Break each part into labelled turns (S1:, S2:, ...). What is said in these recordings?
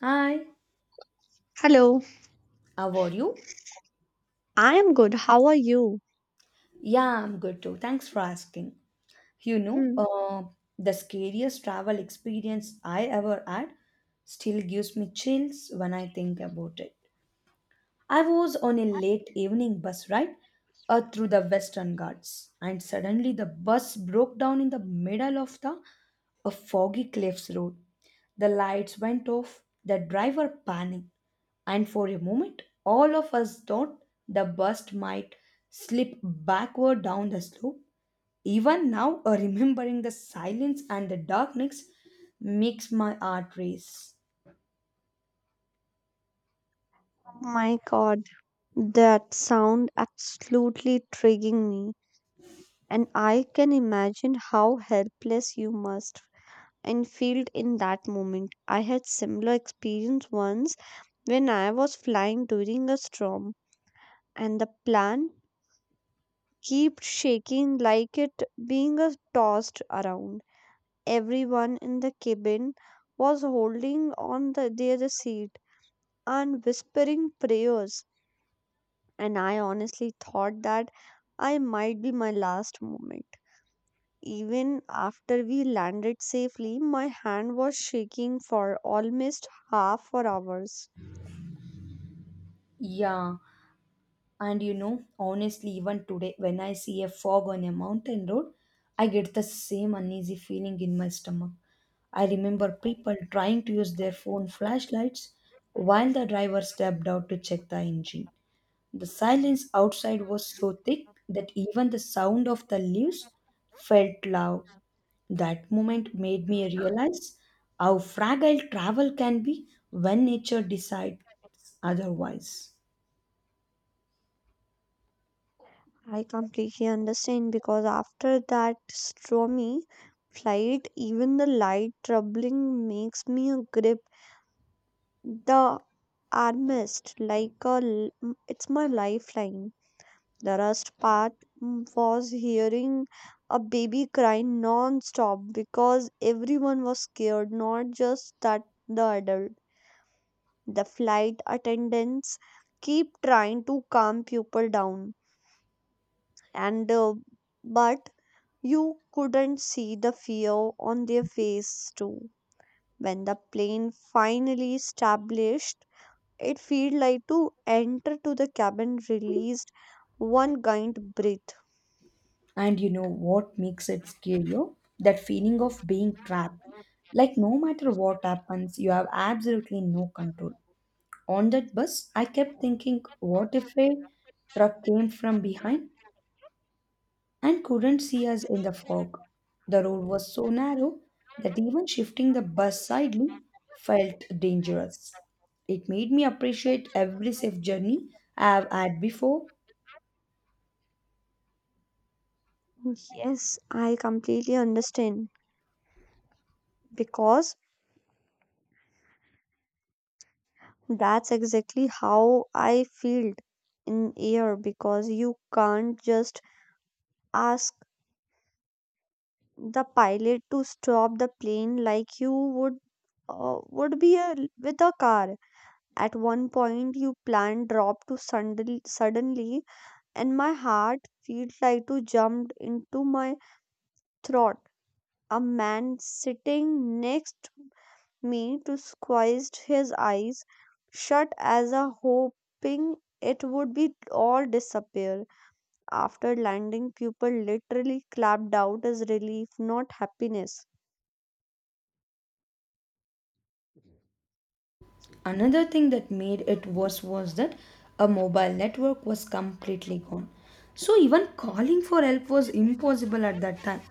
S1: Hi,
S2: Hello,
S1: how are you?
S2: I am good. How are you?
S1: Yeah, I'm good too. Thanks for asking. You know,
S2: Hmm.
S1: uh, the scariest travel experience I ever had still gives me chills when I think about it. I was on a late evening bus ride through the Western Ghats, and suddenly the bus broke down in the middle of the a foggy cliffs road. The lights went off, the driver panicked, and for a moment, all of us thought the bus might slip backward down the slope. Even now, remembering the silence and the darkness makes my heart race.
S2: Oh my God, that sound absolutely triggering me. And I can imagine how helpless you must and feel in that moment. I had similar experience once when I was flying during a storm and the plane kept shaking like it being tossed around. Everyone in the cabin was holding on their seat and whispering prayers and I honestly thought that I might be my last moment. Even after we landed safely, my hand was shaking for almost half for hours.
S1: Yeah, and you know, honestly, even today, when I see a fog on a mountain road, I get the same uneasy feeling in my stomach. I remember people trying to use their phone flashlights while the driver stepped out to check the engine. The silence outside was so thick that even the sound of the leaves felt loud. That moment made me realize how fragile travel can be when nature decides otherwise.
S2: I completely understand because after that stormy flight, even the light troubling makes me grip the armrest like it's my lifeline. The worst part was hearing a baby cry non-stop because everyone was scared, not just that the adult. The flight attendants keep trying to calm people down, and but you couldn't see the fear on their face too. When the plane finally established, it felt like to enter to the cabin released one giant breath.
S1: And you know what makes it scarier? That feeling of being trapped. Like, no matter what happens, you have absolutely no control. On that bus, I kept thinking, what if a truck came from behind and couldn't see us in the fog? The road was so narrow that even shifting the bus slightly felt dangerous. It made me appreciate every safe journey I have had before.
S2: Yes, I completely understand because that's exactly how I felt in air because you can't just ask the pilot to stop the plane like you would uh, would be a, with a car. At one point, you plan drop to suddenly, suddenly, and my heart felt like to jumped into my throat. A man sitting next me to squeezed his eyes shut as a hoping it would be all disappear. After landing, people literally clapped out as relief, not happiness.
S1: Another thing that made it worse was that a mobile network was completely gone. So even calling for help was impossible at that time.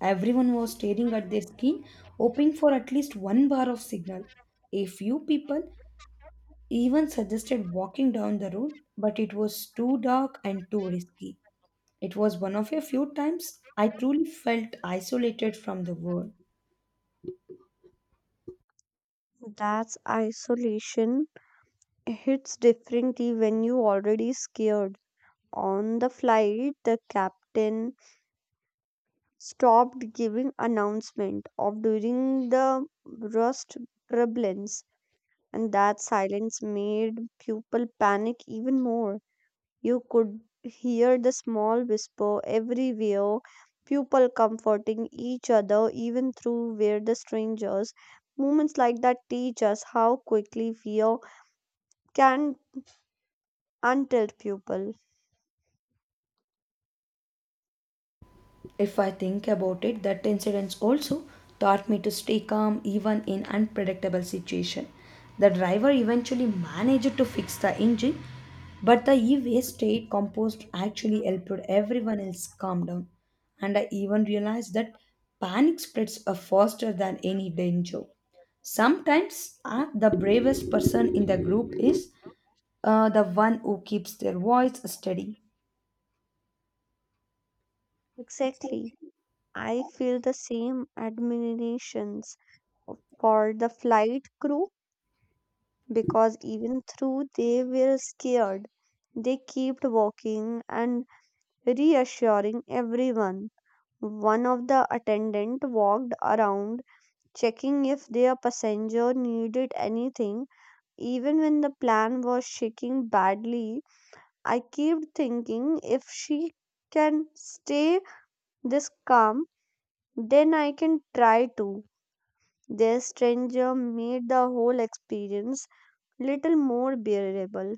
S1: Everyone was staring at their screen, hoping for at least one bar of signal. A few people even suggested walking down the road, but it was too dark and too risky. It was one of a few times I truly felt isolated from the world.
S2: That's isolation. Hits differently when you already scared. On the flight, the captain stopped giving announcement of during the rust turbulence, and that silence made people panic even more. You could hear the small whisper everywhere, people comforting each other even through where the strangers. Moments like that teach us how quickly fear can untilt people.
S1: If I think about it, that incident also taught me to stay calm even in unpredictable situation. The driver eventually managed to fix the engine, but the e-waste state compost actually helped everyone else calm down. And I even realized that panic spreads are faster than any danger. Sometimes the bravest person in the group is the one who keeps their voice steady.
S2: Exactly. I feel the same admirations for the flight crew because even though they were scared, they kept walking and reassuring everyone. One of the attendant walked around checking if their passenger needed anything. Even when the plane was shaking badly, I kept thinking if she can stay this calm, then I can try too. Their stranger made the whole experience little more bearable.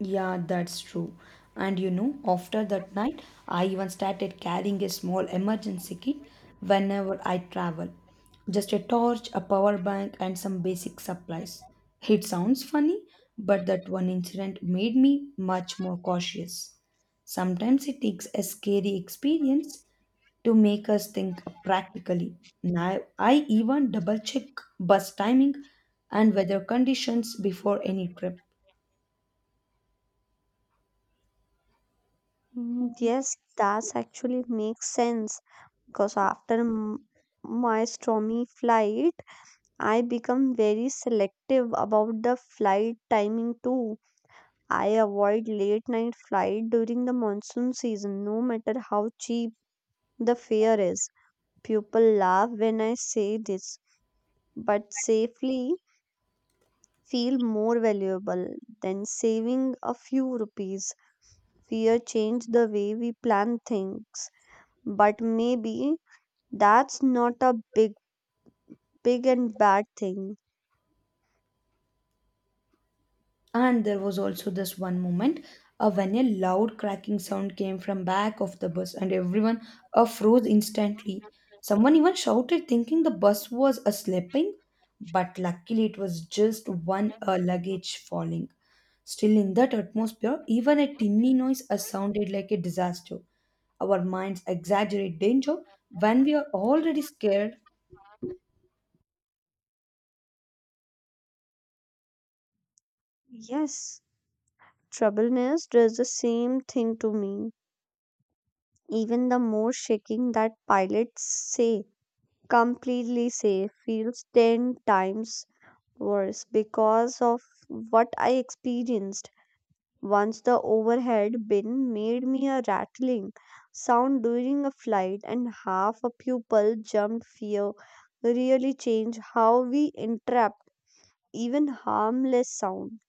S1: Yeah, that's true. And you know, after that night, I even started carrying a small emergency kit whenever I travel. Just a torch, a power bank, and some basic supplies. It sounds funny, but that one incident made me much more cautious. Sometimes it takes a scary experience to make us think practically. Now, I even double check bus timing and weather conditions before any trip.
S2: Mm, yes, that actually makes sense because after my stormy flight, I become very selective about the flight timing too. I avoid late night flight during the monsoon season no matter how cheap the fare is. People laugh when I say this, but safely feel more valuable than saving a few rupees. Fear changed the way we plan things, but maybe that's not a big and bad thing.
S1: And there was also this one moment when a loud cracking sound came from back of the bus and everyone froze instantly. Someone even shouted thinking the bus was slipping, but luckily it was just one luggage falling. Still in that atmosphere, even a tinny noise sounded like a disaster. Our minds exaggerate danger when we are already scared.
S2: Yes, troubleness does the same thing to me. Even the more shaking that pilots say completely safe feels 10 times worse because of what I experienced. Once the overhead bin made me a rattling sound during a flight, and half a pupil jumped. Fear really changed how we interrupt even harmless sound.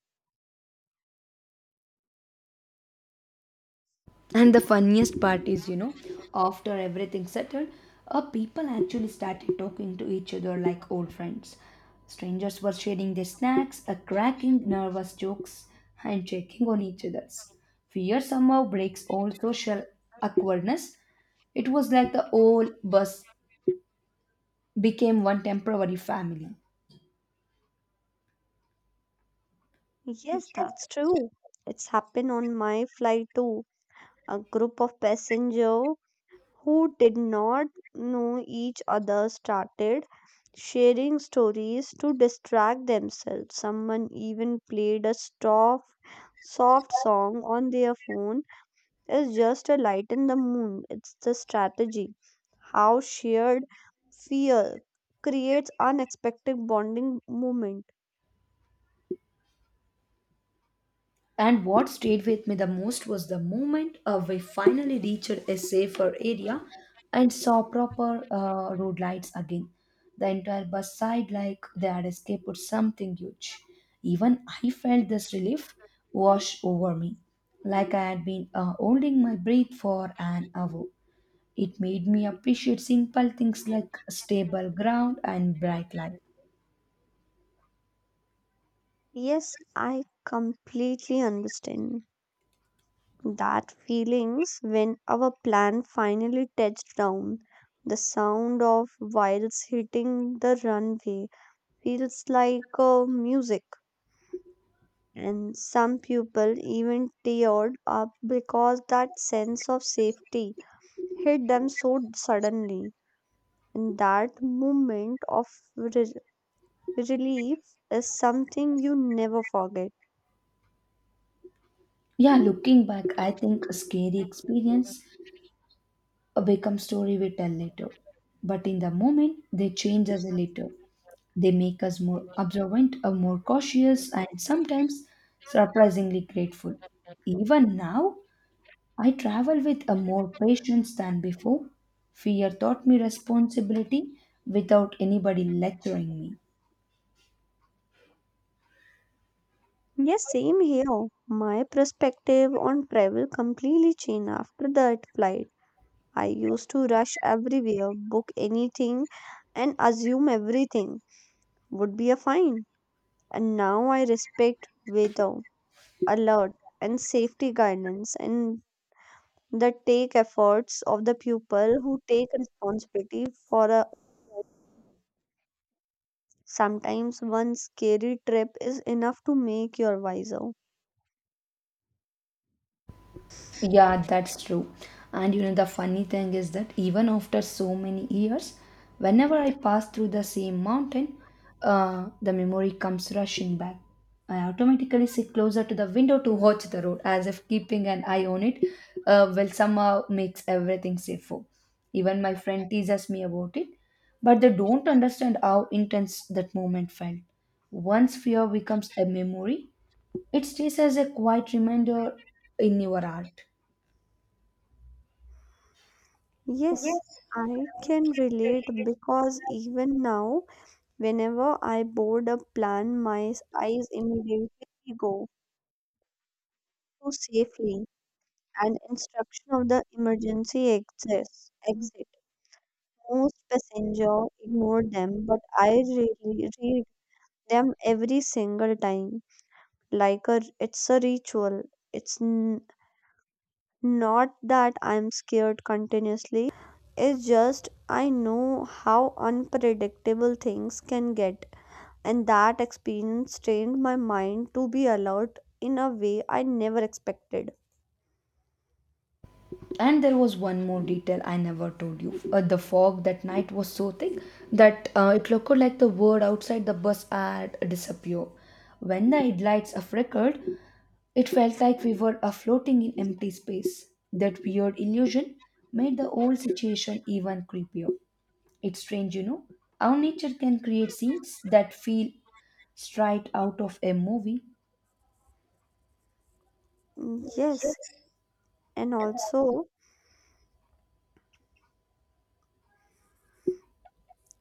S1: And the funniest part is, you know, after everything settled, people actually started talking to each other like old friends. Strangers were sharing their snacks, cracking nervous jokes, and checking on each other's. Fear somehow breaks all social awkwardness. It was like the whole bus became one temporary family.
S2: Yes, that's true. It's happened on my flight too. A group of passenger who did not know each other started sharing stories to distract themselves. Someone even played a soft, soft song on their phone. It's just a light in the moon. It's the strategy. How shared fear creates unexpected bonding moment.
S1: And what stayed with me the most was the moment we finally reached a safer area and saw proper road lights again. The entire bus side, like they had escaped something huge. Even I felt this relief wash over me, like I had been holding my breath for an hour. It made me appreciate simple things like stable ground and bright light.
S2: Yes, I completely understand. That feelings when our plan finally touched down, the sound of wheels hitting the runway feels like music. And some people even teared up because that sense of safety hit them so suddenly. And that moment of re- relief is something you never forget.
S1: Yeah, looking back, I think a scary experience become story we tell later. But in the moment, they change us a little. They make us more observant, or more cautious, and sometimes surprisingly grateful. Even now, I travel with a more patience than before. Fear taught me responsibility without anybody lecturing me.
S2: Yes, same here. My perspective on travel completely changed after that flight. I used to rush everywhere, book anything, and assume everything would be a fine. And now I respect weather, alert, and safety guidance, and that take efforts of the people who take responsibility for a sometimes one scary trip is enough to make you wiser.
S1: Yeah, that's true. And you know, the funny thing is that even after so many years, whenever I pass through the same mountain, the memory comes rushing back. I automatically sit closer to the window to watch the road, as if keeping an eye on it will somehow makes everything safer. Even my friend teases me about it, but they don't understand how intense that moment felt. Once fear becomes a memory, it stays as a quiet reminder in your heart.
S2: Yes,
S1: Yes,
S2: I can relate because even now, whenever I board a plan, my eyes immediately go to safely and instruction of the emergency access exit. Most passenger ignore them, but I really read them every single time. Like a, it's a ritual. It's not that I'm scared continuously. It's just I know how unpredictable things can get, and that experience trained my mind to be alert in a way I never expected.
S1: and there was one more detail I never told you. The fog that night was so thick that it looked like the world outside the bus had disappeared. When the headlights flickered, it felt like we were floating in empty space. That weird illusion made the whole situation even creepier. It's strange, you know, how nature can create scenes that feel straight out of a movie.
S2: Mm, yes, and also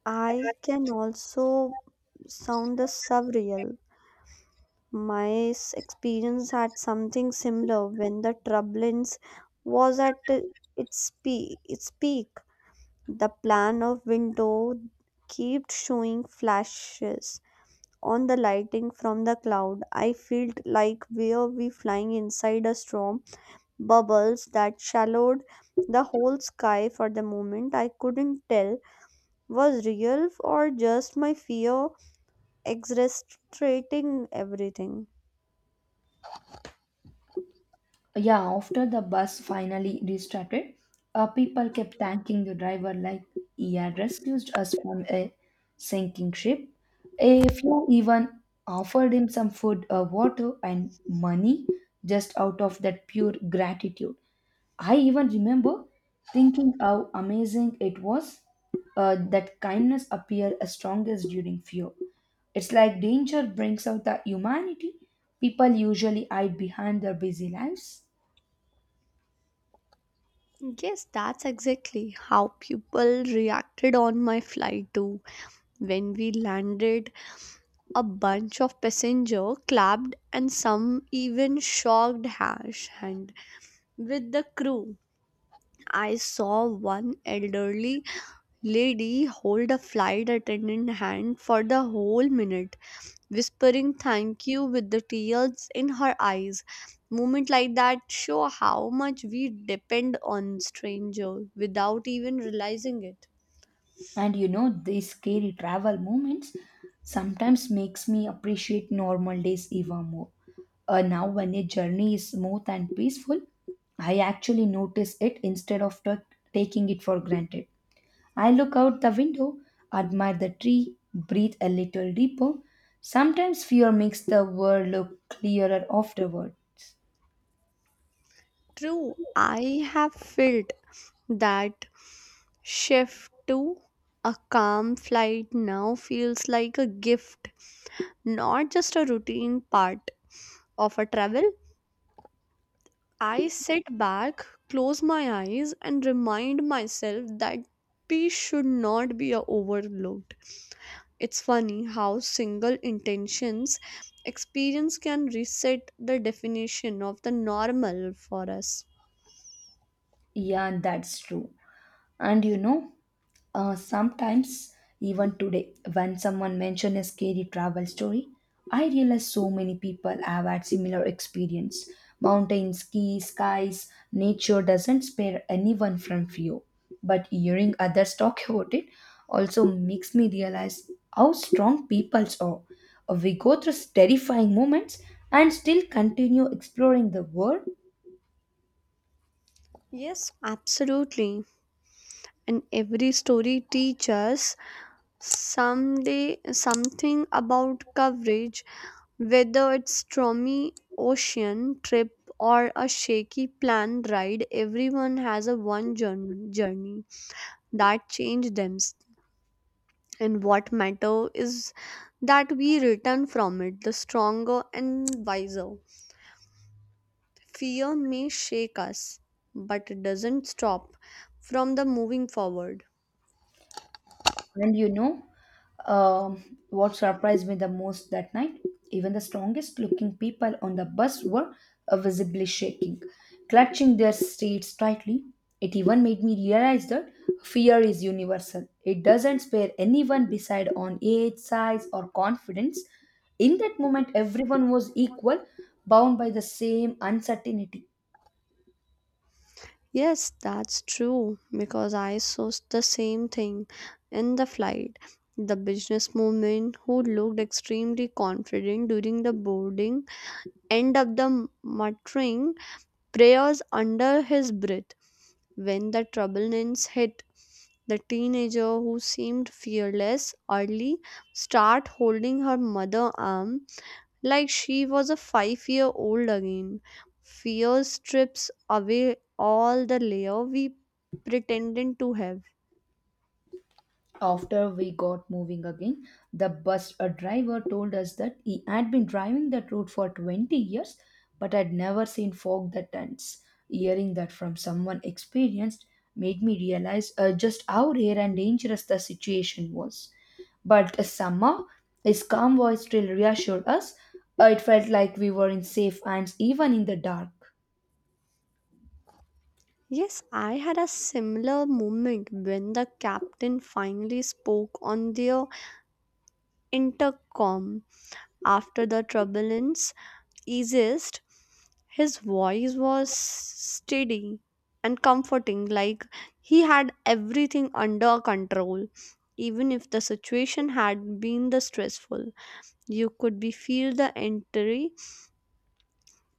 S2: I can also sound the surreal. My experience had something similar when the turbulence was at its peak. The plan of window kept showing flashes on the lighting from the cloud. I felt like we were we flying inside a storm, bubbles that shallowed the whole sky for the moment. I couldn't tell was real or just my fear exaggerating everything.
S1: Yeah, after the bus finally restarted, people kept thanking the driver like he had rescued us from a sinking ship. A few even offered him some food, water, and money just out of that pure gratitude. I even remember thinking how amazing it was that kindness appeared as strongest during fear. It's like danger brings out the humanity people usually hide behind their busy lives.
S2: Yes, that's exactly how people reacted on my flight too. When we landed, a bunch of passengers clapped and some even shocked hash hand with the crew. I saw one elderly lady hold a flight attendant hand for the whole minute, whispering thank you with the tears in her eyes. Moments like that show how much we depend on stranger without even realizing it.
S1: And you know, these scary travel moments sometimes makes me appreciate normal days even more. Now when a journey is smooth and peaceful, I actually notice it instead of taking it for granted. I look out the window, admire the tree, breathe a little deeper. Sometimes fear makes the world look clearer afterwards.
S2: True, I have felt that shift to a calm flight now feels like a gift, not just a routine part of a travel. I sit back, close my eyes, and remind myself that peace should not be overlooked. It's funny how single intentions experience can reset the definition of the normal for us.
S1: Yeah, that's true. And you know, sometimes, even today, when someone mentions a scary travel story, I realize so many people have had similar experience. Skies, nature doesn't spare anyone from fear. But hearing others talk about it also makes me realize how strong peoples are. We go through terrifying moments and still continue exploring the world.
S2: Yes, absolutely. And every story teaches someday something about coverage, whether it's stormy ocean trip or a shaky plane ride. Everyone has a one journey that changed them. And what matter is that we return from it the stronger and wiser. Fear may shake us, but it doesn't stop from the moving forward.
S1: And you know um, what surprised me the most that night? Even the strongest looking people on the bus were visibly shaking, clutching their seats tightly. It even made me realize that fear is universal. It doesn't spare anyone beside on age, size, or confidence. In that moment, everyone was equal, bound by the same uncertainty.
S2: Yes, that's true because I saw the same thing in the flight. The business woman who looked extremely confident during the boarding ended up the muttering prayers under his breath. When the turbulence hit, the teenager who seemed fearless early start holding her mother arm like she was a 5-year-old year old again. Fear strips away all the layer we pretended to have.
S1: After we got moving again, the bus driver told us that he had been driving that route for 20 years but had never seen fog that dense. Hearing that from someone experienced made me realize just how rare and dangerous the situation was. But somehow, his calm voice still reassured us. It felt like we were in safe hands even in the dark.
S2: Yes, I had a similar moment when the captain finally spoke on their intercom after the turbulence easiest, his voice was steady and comforting, like he had everything under control. Even if the situation had been the stressful, you could be feel the entry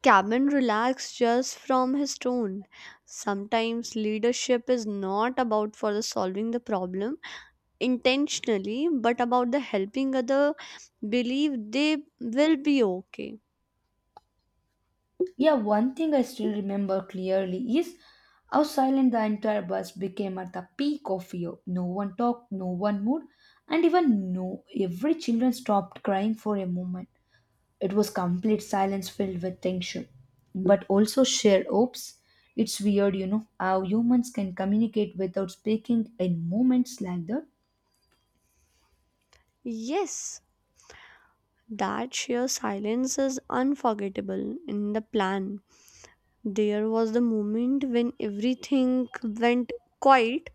S2: cabin relaxed just from his tone. Sometimes leadership is not about for the solving the problem intentionally, but about the helping other believe they will be okay.
S1: Yeah, one thing I still remember clearly is how silent the entire bus became at the peak of fear. No one talked, no one moved, and even no every children stopped crying for a moment. It was complete silence filled with tension, but also shared hopes. It's weird, you know, how humans can communicate without speaking in moments like that.
S2: Yes, that sheer silence is unforgettable in the plan. There was the moment when everything went quiet,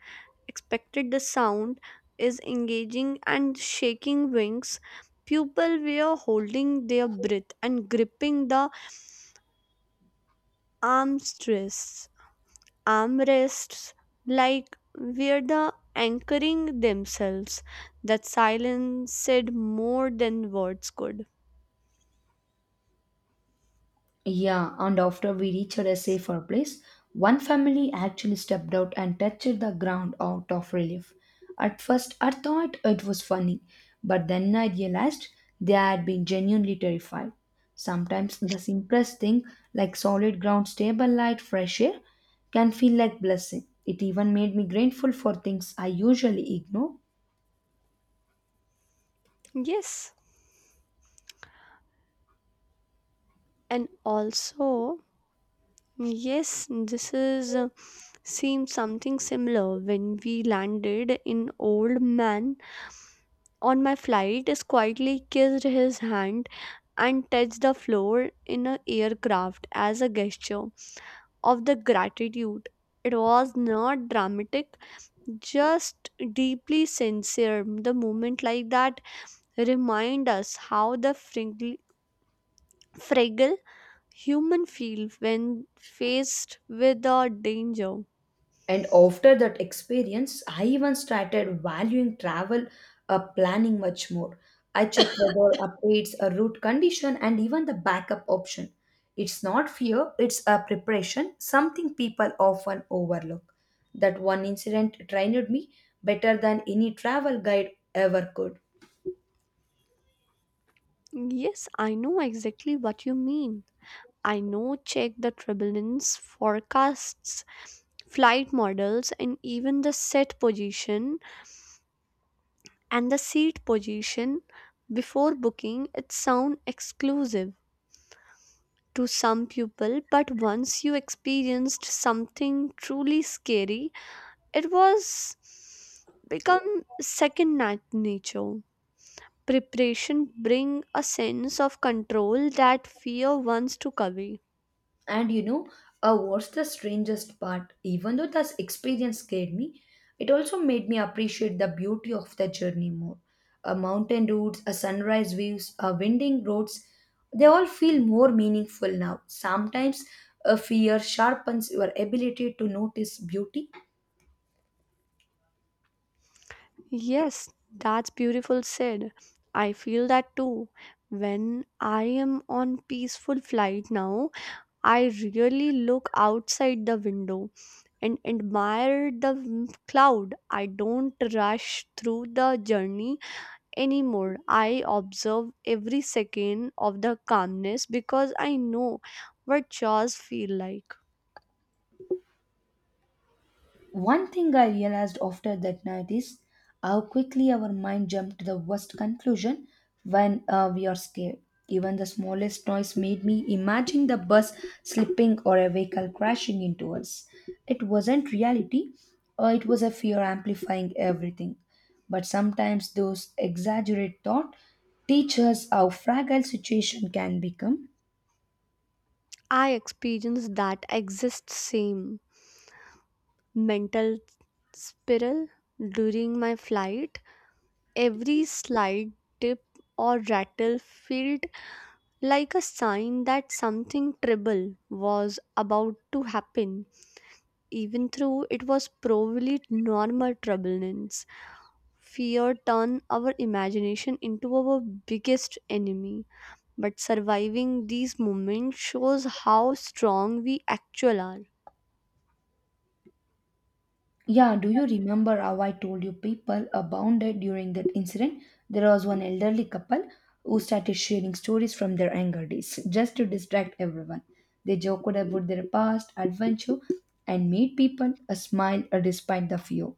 S2: expected the sound is engaging and shaking wings. People were holding their breath and gripping the armrests, armrests like were the anchoring themselves. That silence said more than words could.
S1: Yeah, and after we reached a safer place, one family actually stepped out and touched the ground out of relief. At first, I thought it was funny, but then I realized they had been genuinely terrified. Sometimes the simplest thing, like solid ground, stable light, fresh air, can feel like blessing. It even made me grateful for things I usually ignore.
S2: Yes, and also yes, this is seems something similar when we landed in old man on my flight is quietly kissed his hand and touched the floor in a aircraft as a gesture of the gratitude. It was not dramatic, just deeply sincere. The moment like that remind us how the fragile human feel when faced with a danger.
S1: And after that experience, I even started valuing travel planning much more. I check weather updates, a route condition, and even the backup option. It's not fear, it's a preparation, something people often overlook. That one incident trained me better than any travel guide ever could.
S2: Yes, I know exactly what you mean. I know check the turbulence forecasts, flight models, and even the set position and the seat position before booking. It sound exclusive to some people, but once you experienced something truly scary, it was become second nature. Preparation bring a sense of control that fear wants to cover.
S1: And you know, what's the strangest part? Even though this experience scared me, it also made me appreciate the beauty of the journey more. Mountain routes, sunrise views, winding roads, they all feel more meaningful now. Sometimes fear sharpens your ability to notice beauty.
S2: Yes, that's beautiful said. I feel that too. When I am on peaceful flight now, I really look outside the window and admire the cloud. I don't rush through the journey anymore. I observe every second of the calmness because I know what chores feel like.
S1: One thing I realized after that night is how quickly our mind jumped to the worst conclusion when we are scared. Even the smallest noise made me imagine the bus slipping or a vehicle crashing into us. It wasn't reality, it was a fear amplifying everything. But sometimes those exaggerated thoughts teach us how fragile situation can become.
S2: I experience that exists same mental spiral during my flight. Every slight dip or rattle felt like a sign that something terrible was about to happen, even though it was probably normal turbulence. Fear turned our imagination into our biggest enemy, but surviving these moments shows how strong we actually are.
S1: Yeah, do you remember how I told you people abounded during that incident? There was one elderly couple who started sharing stories from their younger days just to distract everyone. They joked about their past adventure and made people smile despite the fear.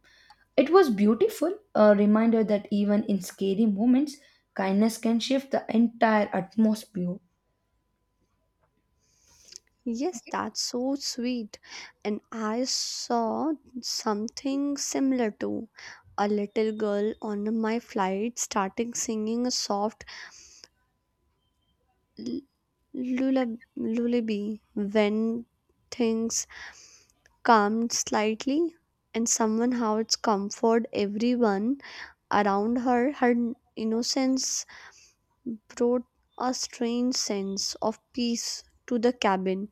S1: It was beautiful, a reminder that even in scary moments, kindness can shift the entire atmosphere.
S2: Yes, that's so sweet. And I saw something similar too. A little girl on my flight started singing a soft l- lullaby when things calmed slightly, and somehow it's comfort everyone around her. Her innocence brought a strange sense of peace to the cabin.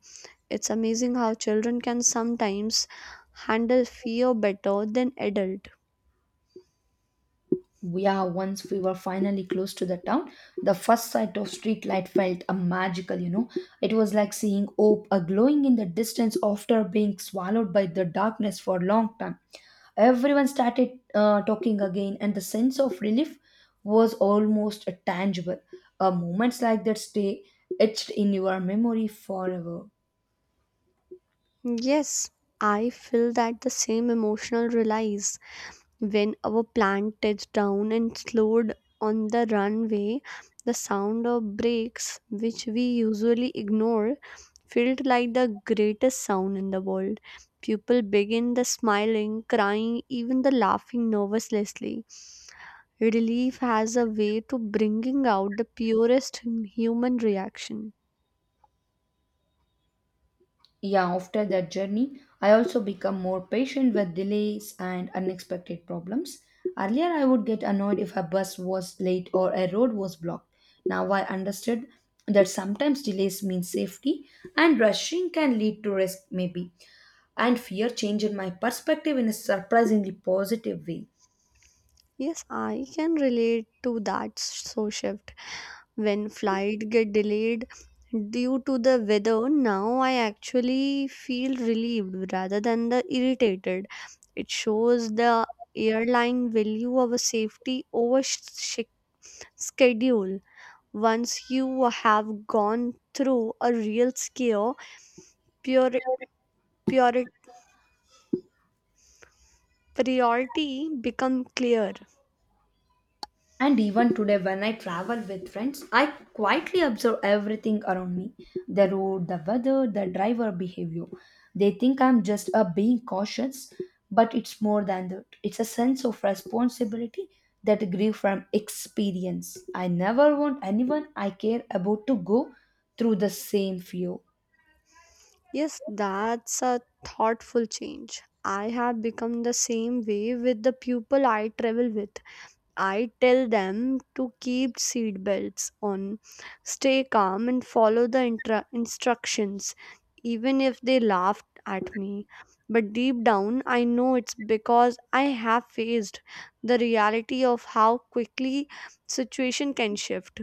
S2: It's amazing how children can sometimes handle fear better than adults.
S1: Yeah, once we were finally close to the town, the first sight of street light felt a magical, you know. It was like seeing hope a glowing in the distance after being swallowed by the darkness for a long time. Everyone started talking again, and the sense of relief was almost tangible. Moments like that stay etched in your memory forever.
S2: Yes, I feel that the same emotional release. When our plane touched down and slowed on the runway, the sound of brakes, which we usually ignore, felt like the greatest sound in the world. People began the smiling, crying, even the laughing nervously. Relief has a way to bringing out the purest human reaction.
S1: Yeah, after that journey, I also become more patient with delays and unexpected problems. Earlier, I would get annoyed if a bus was late or a road was blocked. Now, I understood that sometimes delays mean safety and rushing can lead to risk, maybe. And fear changed my perspective in a surprisingly positive way.
S2: Yes, I can relate to that so shift. When flight get delayed due to the weather, now I actually feel relieved rather than the irritated. It shows the airline value of a safety over schedule. Once you have gone through a real scare, pure, pure priority become clear.
S1: And even today, when I travel with friends, I quietly observe everything around me, the road, the weather, the driver behavior. They think I'm just a being cautious, but it's more than that. It's a sense of responsibility that grew from experience. I never want anyone I care about to go through the same fear.
S2: Yes, that's a thoughtful change. I have become the same way with the people I travel with. I tell them to keep seatbelts on, stay calm, and follow the instructions, even if they laugh at me. But deep down, I know it's because I have faced the reality of how quickly situation can shift.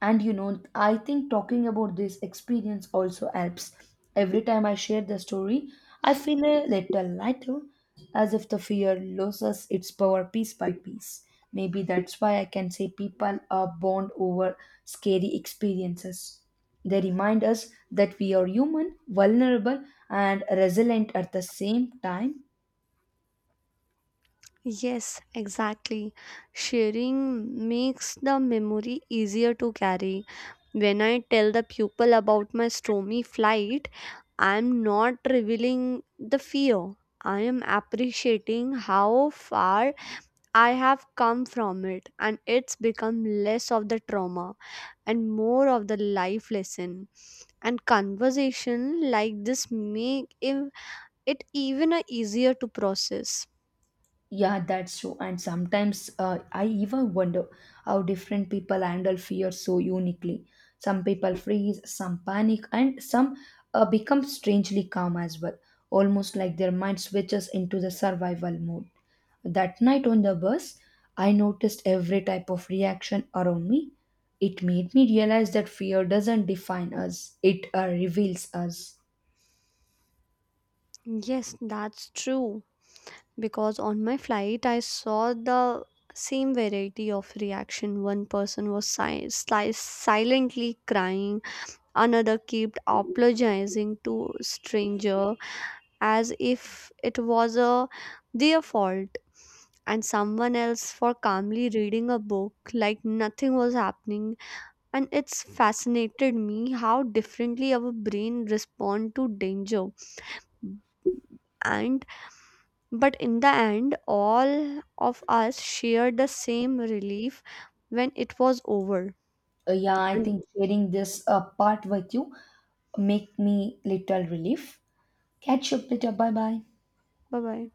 S1: And you know, I think talking about this experience also helps. Every time I share the story, I feel a little lighter, as if the fear loses its power piece by piece. Maybe that's why I can say people are bond over scary experiences. They remind us that we are human, vulnerable, and resilient at the same time.
S2: Yes, exactly. Sharing makes the memory easier to carry. When I tell the pupil about my stormy flight, I am not revealing the fear. I am appreciating how far I have come from it, and it's become less of the trauma and more of the life lesson. And conversation like this make it even a easier to process.
S1: Yeah, that's true. And sometimes I even wonder how different people handle fear so uniquely. Some people freeze, some panic, and some become strangely calm as well, almost like their mind switches into the survival mode. That night on the bus, I noticed every type of reaction around me. It made me realize that fear doesn't define us, it reveals us.
S2: Yes, that's true. Because on my flight I saw the same variety of reaction. One person was silently crying, another kept apologizing to stranger as if it was a their fault, and someone else for calmly reading a book like nothing was happening. And it's fascinated me how differently our brain respond to danger and but in the end, all of us shared the same relief when it was over.
S1: Yeah, I
S2: Bye
S1: think sharing this part with you make me little relief. Catch you up later. Bye bye.
S2: bye.